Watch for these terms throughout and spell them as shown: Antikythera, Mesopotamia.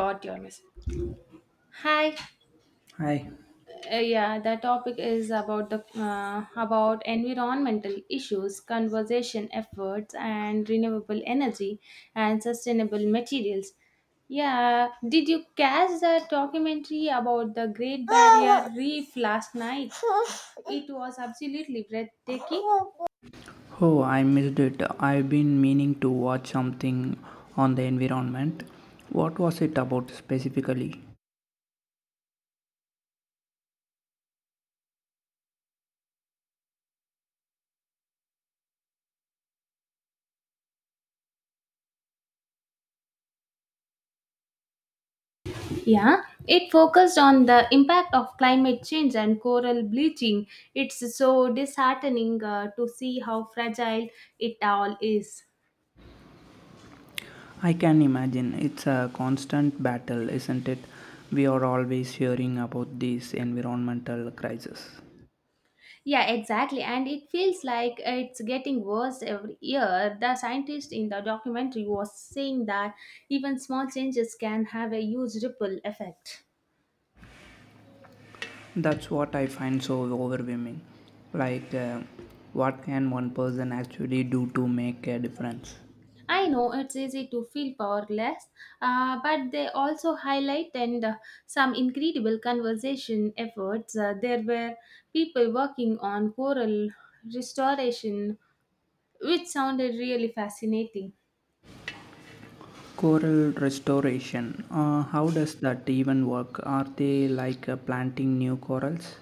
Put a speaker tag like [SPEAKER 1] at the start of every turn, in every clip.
[SPEAKER 1] Got your message. Hi.
[SPEAKER 2] Hi.
[SPEAKER 1] Yeah, the topic is about the about environmental issues, conservation efforts, and renewable energy and sustainable materials. Yeah, did you catch the documentary about the Great Barrier Reef last night? It was absolutely breathtaking.
[SPEAKER 2] Oh, I missed it. I've been meaning to watch something on the environment. What was it about specifically?
[SPEAKER 1] Yeah, it focused on the impact of climate change and coral bleaching. It's so disheartening to see how fragile it all is.
[SPEAKER 2] I can imagine it's a constant battle, isn't it? We are always hearing about these environmental crises.
[SPEAKER 1] Yeah, exactly. And it feels like it's getting worse every year. The scientist in the documentary was saying that even small changes can have a huge ripple effect.
[SPEAKER 2] That's what I find so overwhelming. Like, uh, what can one person actually do to make a difference?
[SPEAKER 1] I know it's easy to feel powerless, but they also highlight and some incredible conservation efforts. There were people working on coral restoration, which sounded really fascinating.
[SPEAKER 2] Coral restoration. How does that even work? Are they like planting new corals?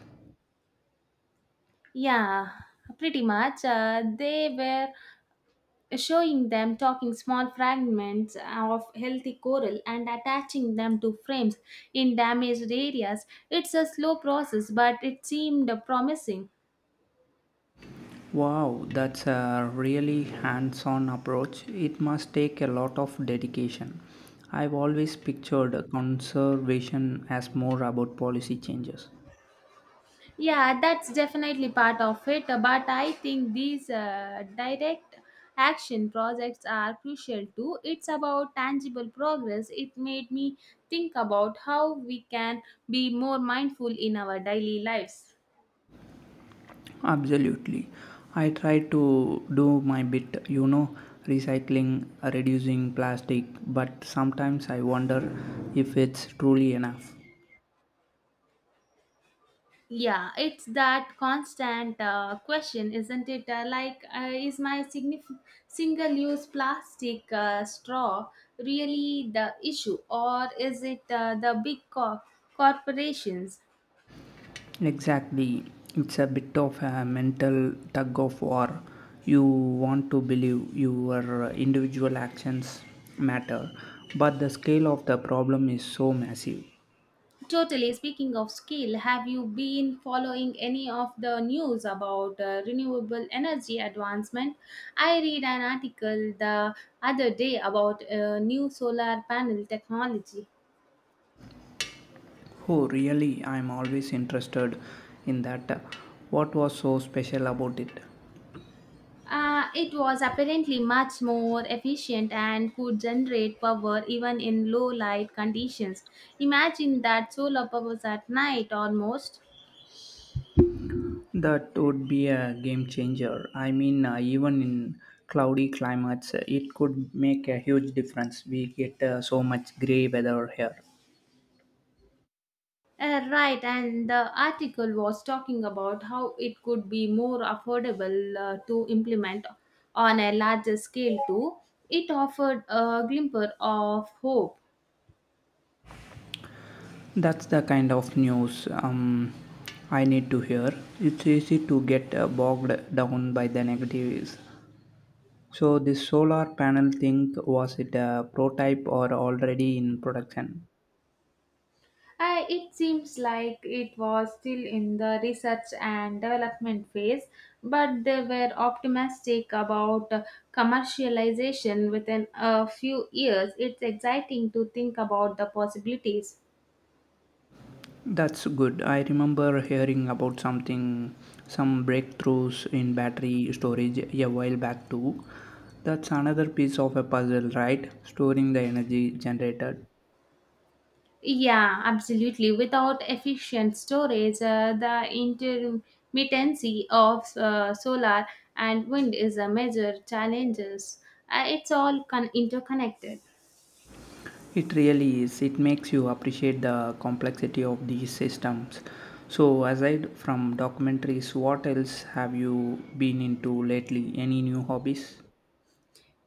[SPEAKER 1] Yeah, pretty much. They were showing them talking small fragments of healthy coral and attaching them to frames in damaged areas. It's a slow process, but it seemed promising.
[SPEAKER 2] Wow, that's a really hands on approach. It must take a lot of dedication. I've always pictured conservation as more about policy changes.
[SPEAKER 1] Yeah, that's definitely part of it. But I think these direct action projects are crucial too. It's about tangible progress. It made me think about how we can be more mindful in our daily lives.
[SPEAKER 2] Absolutely. I try to do my bit, you know, recycling, reducing plastic, but sometimes I wonder if it's truly enough.
[SPEAKER 1] Yeah, it's that constant question, isn't it? Is my single use plastic straw really the issue, or is it the big corporations?
[SPEAKER 2] Exactly. It's a bit of a mental tug of war. You want to believe your individual actions matter, but the scale of the problem is so massive.
[SPEAKER 1] Totally. Speaking of skill, have you been following any of the news about renewable energy advancement? I read an article the other day about new solar panel technology.
[SPEAKER 2] Oh, really? I'm always interested in that. What was so special about it?
[SPEAKER 1] It was apparently much more efficient and could generate power even in low light conditions. Imagine that solar powers at night almost.
[SPEAKER 2] That would be a game changer. I mean, even in cloudy climates, it could make a huge difference. We get so much gray weather here.
[SPEAKER 1] Right, and the article was talking about how it could be more affordable to implement on a larger scale too. It offered a glimmer of hope.
[SPEAKER 2] That's the kind of news I need to hear. It's easy to get bogged down by the negatives. So, this solar panel thing was it a prototype or already in production?
[SPEAKER 1] It seems like it was still in the research and development phase, but they were optimistic about commercialization within a few years. It's exciting to think about the possibilities.
[SPEAKER 2] That's good. I remember hearing about something, some breakthroughs in battery storage a while back too. That's another piece of a puzzle, right? Storing the energy generated.
[SPEAKER 1] Yeah, absolutely. Without efficient storage, the intermittency of solar and wind is a major challenges. It's all interconnected.
[SPEAKER 2] It really is. It makes you appreciate the complexity of these systems. So, aside from documentaries, what else have you been into lately? Any new hobbies?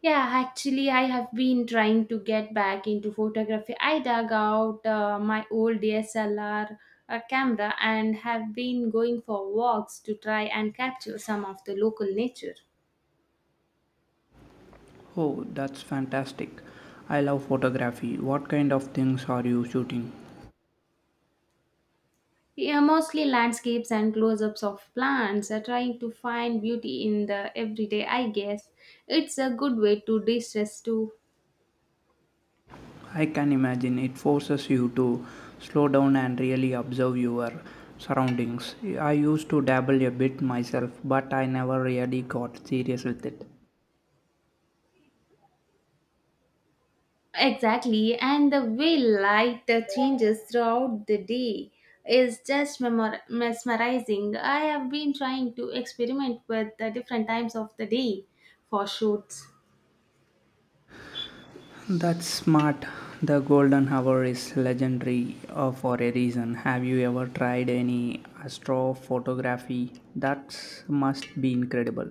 [SPEAKER 1] Yeah, actually, I have been trying to get back into photography. I dug out my old DSLR camera and have been going for walks to try and capture some of the local nature.
[SPEAKER 2] Oh, that's fantastic. I love photography. What kind of things are you shooting?
[SPEAKER 1] Yeah, mostly landscapes and close ups of plants, trying to find beauty in the everyday, I guess. It's a good way to de stress too.
[SPEAKER 2] I can imagine it forces you to slow down and really observe your surroundings. I used to dabble a bit myself, but I never really got serious with it.
[SPEAKER 1] Exactly, and the way light changes throughout the day is just mesmerizing. I have been trying to experiment with the different times of the day for shoots.
[SPEAKER 2] That's smart. The golden hour is legendary for a reason. Have you ever tried any astrophotography? That must be incredible.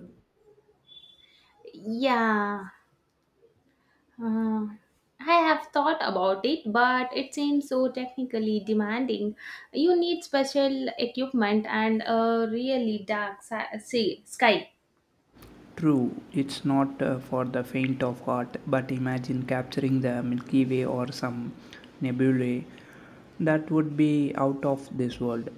[SPEAKER 1] Yeah. Uh, I have thought about it, but it seems so technically demanding. You need special equipment and a really dark sea, sky.
[SPEAKER 2] True, it's not for the faint of heart, but imagine capturing the Milky Way or some nebulae. That would be out of this world.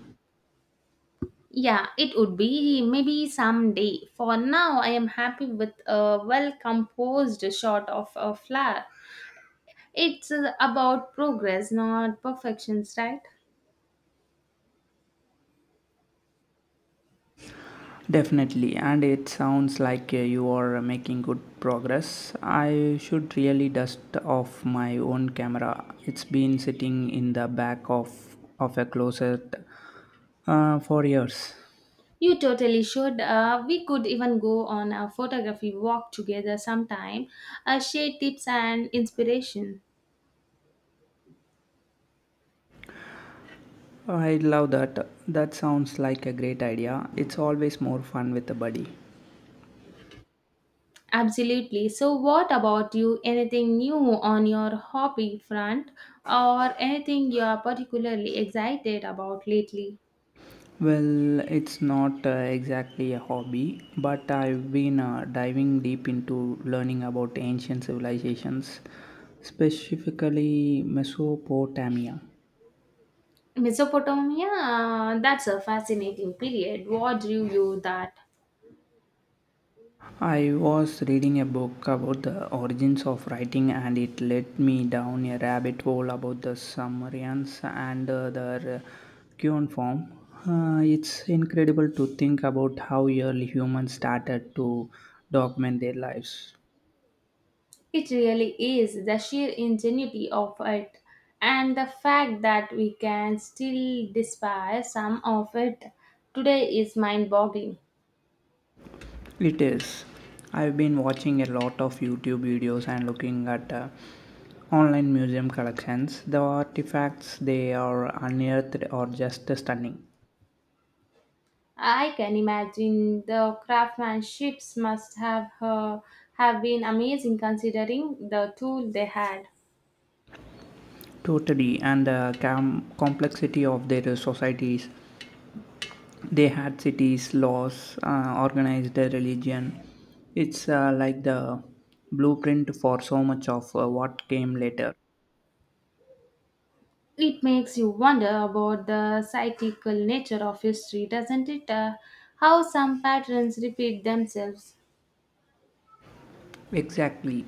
[SPEAKER 1] Yeah, it would be maybe someday. For now, I am happy with a well composed shot of a flower. It's about progress, not perfections, right?
[SPEAKER 2] Definitely, and it sounds like you are making good progress. I should really dust off my own camera. It's been sitting in the back of a closet for years.
[SPEAKER 1] You totally should. We could even go on a photography walk together sometime, share tips and inspiration.
[SPEAKER 2] I love that. That sounds like a great idea. It's always more fun with a buddy.
[SPEAKER 1] Absolutely. So, what about you? Anything new on your hobby front or anything you are particularly excited about lately?
[SPEAKER 2] Well, it's not exactly a hobby, but I've been diving deep into learning about ancient civilizations, specifically Mesopotamia.
[SPEAKER 1] Mesopotamia, that's a fascinating period. What drew you that?
[SPEAKER 2] I was reading a book about the origins of writing, and it led me down a rabbit hole about the Sumerians and their cuneiform. It's incredible to think about how early humans started to document their lives.
[SPEAKER 1] It really is the sheer ingenuity of it and the fact that we can still despise some of it today is mind boggling.
[SPEAKER 2] It is. I've been watching a lot of YouTube videos and looking at online museum collections. The artifacts they are unearthed are just stunning.
[SPEAKER 1] I can imagine the craftsmanships must have been amazing considering the tool they had.
[SPEAKER 2] Totally, and the complexity of their societies. They had cities, laws, organized religion. It's like the blueprint for so much of what came later.
[SPEAKER 1] It makes you wonder about the cyclical nature of history, doesn't it? How some patterns repeat themselves.
[SPEAKER 2] Exactly.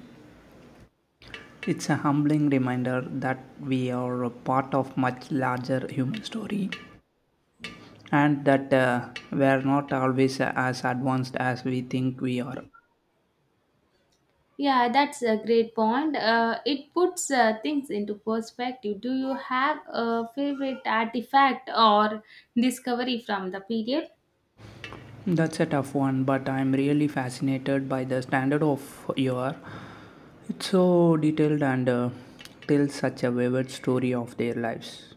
[SPEAKER 2] It's a humbling reminder that we are a part of much larger human story and that we're not always as advanced as we think we are.
[SPEAKER 1] Yeah, that's a great point. It puts things into perspective. Do you have a favorite artifact or discovery from the period?
[SPEAKER 2] That's a tough one, but I'm really fascinated by the standard of your. It's so detailed and tells such a vivid story of their lives.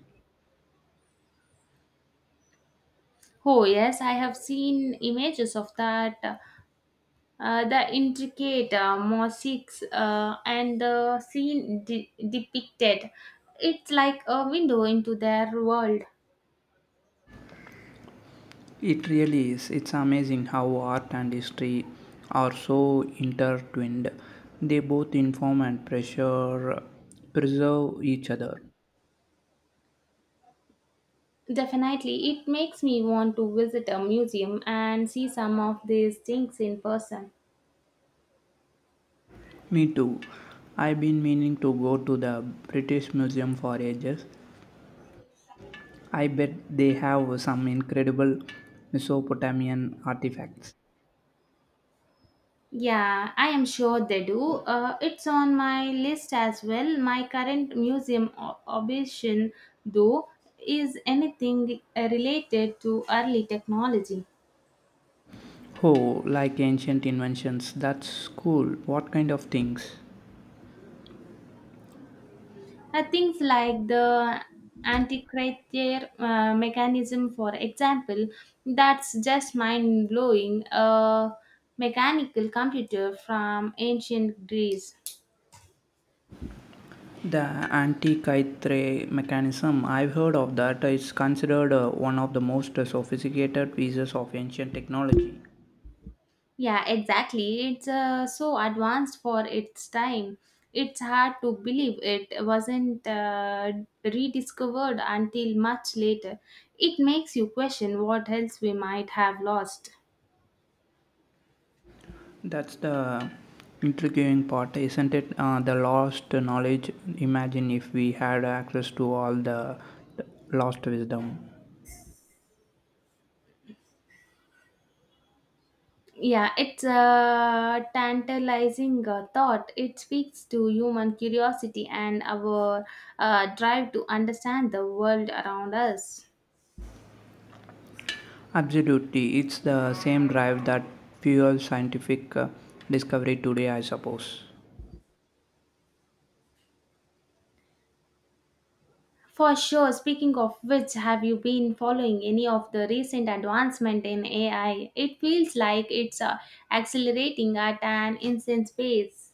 [SPEAKER 1] Oh, yes, I have seen images of that. The intricate mosaics and the scene depicted, it's like a window into their world.
[SPEAKER 2] It really is. It's amazing how art and history are so intertwined. They both inform and pressure preserve each other.
[SPEAKER 1] Definitely, it makes me want to visit a museum and see some of these things in person.
[SPEAKER 2] Me too. I've been meaning to go to the British Museum for ages. I bet they have some incredible Mesopotamian artifacts.
[SPEAKER 1] Yeah, I am sure they do. It's on my list as well. My current museum obsession though is anything related to early technology.
[SPEAKER 2] Oh, like ancient inventions. That's cool. What kind of things?
[SPEAKER 1] Things like the antikythera mechanism, for example, that's just mind blowing. A mechanical computer from ancient Greece.
[SPEAKER 2] The Antikythera mechanism. I've heard of that. It's considered one of the most sophisticated pieces of ancient technology.
[SPEAKER 1] Yeah, exactly. It's so advanced for its time. It's hard to believe it wasn't rediscovered until much later. It makes you question what else we might have lost.
[SPEAKER 2] That's the intriguing part, isn't it? The lost knowledge. Imagine if we had access to all the lost wisdom.
[SPEAKER 1] Yeah, it's a tantalizing thought. It speaks to human curiosity and our drive to understand the world around us.
[SPEAKER 2] Absolutely. It's the same drive that fuels scientific discovery today, I suppose.
[SPEAKER 1] For sure. Speaking of which, have you been following any of the recent advancement in AI? It feels like it's accelerating at an insane pace.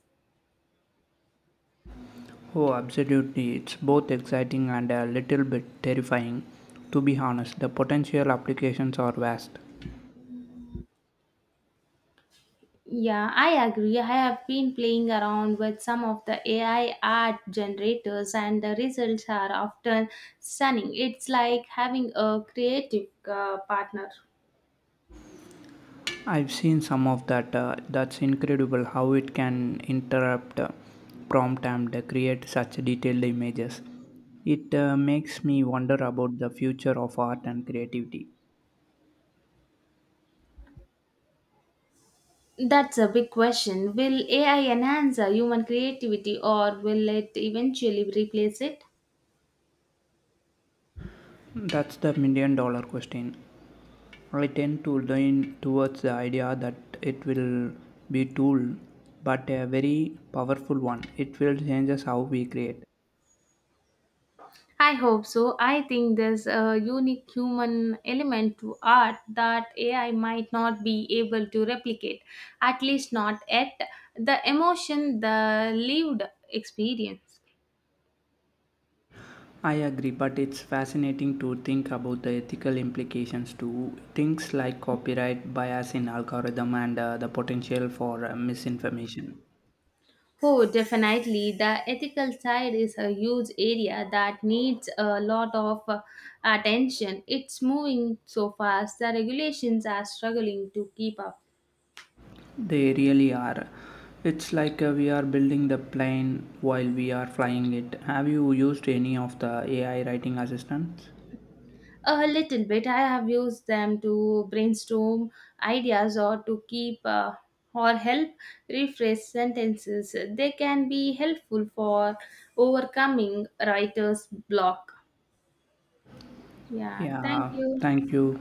[SPEAKER 2] Oh, absolutely. It's both exciting and a little bit terrifying. To be honest, the potential applications are vast.
[SPEAKER 1] Yeah, I agree. I have been playing around with some of the AI art generators, and the results are often stunning. It's like having a creative partner.
[SPEAKER 2] I've seen some of that. That's incredible how it can interrupt prompt and create such detailed images. It makes me wonder about the future of art and creativity.
[SPEAKER 1] That's a big question. Will AI enhance human creativity or will it eventually replace it?
[SPEAKER 2] That's the million dollar question. I tend to lean towards the idea that it will be tool, but a very powerful one. It will change us how we create.
[SPEAKER 1] I hope so. I think there's a unique human element to art that AI might not be able to replicate, at least not yet. The emotion, the lived experience.
[SPEAKER 2] I agree, but it's fascinating to think about the ethical implications to things like copyright, bias in algorithm, and the potential for misinformation.
[SPEAKER 1] Oh, definitely. The ethical side is a huge area that needs a lot of attention. It's moving so fast, the regulations are struggling to keep up.
[SPEAKER 2] They really are. It's like we are building the plane while we are flying it. Have you used any of the AI writing assistants?
[SPEAKER 1] A little bit. I have used them to brainstorm ideas or to keep or help rephrase sentences. They can be helpful for overcoming writer's block. Yeah, thank
[SPEAKER 2] Yeah,
[SPEAKER 1] you.
[SPEAKER 2] thank you.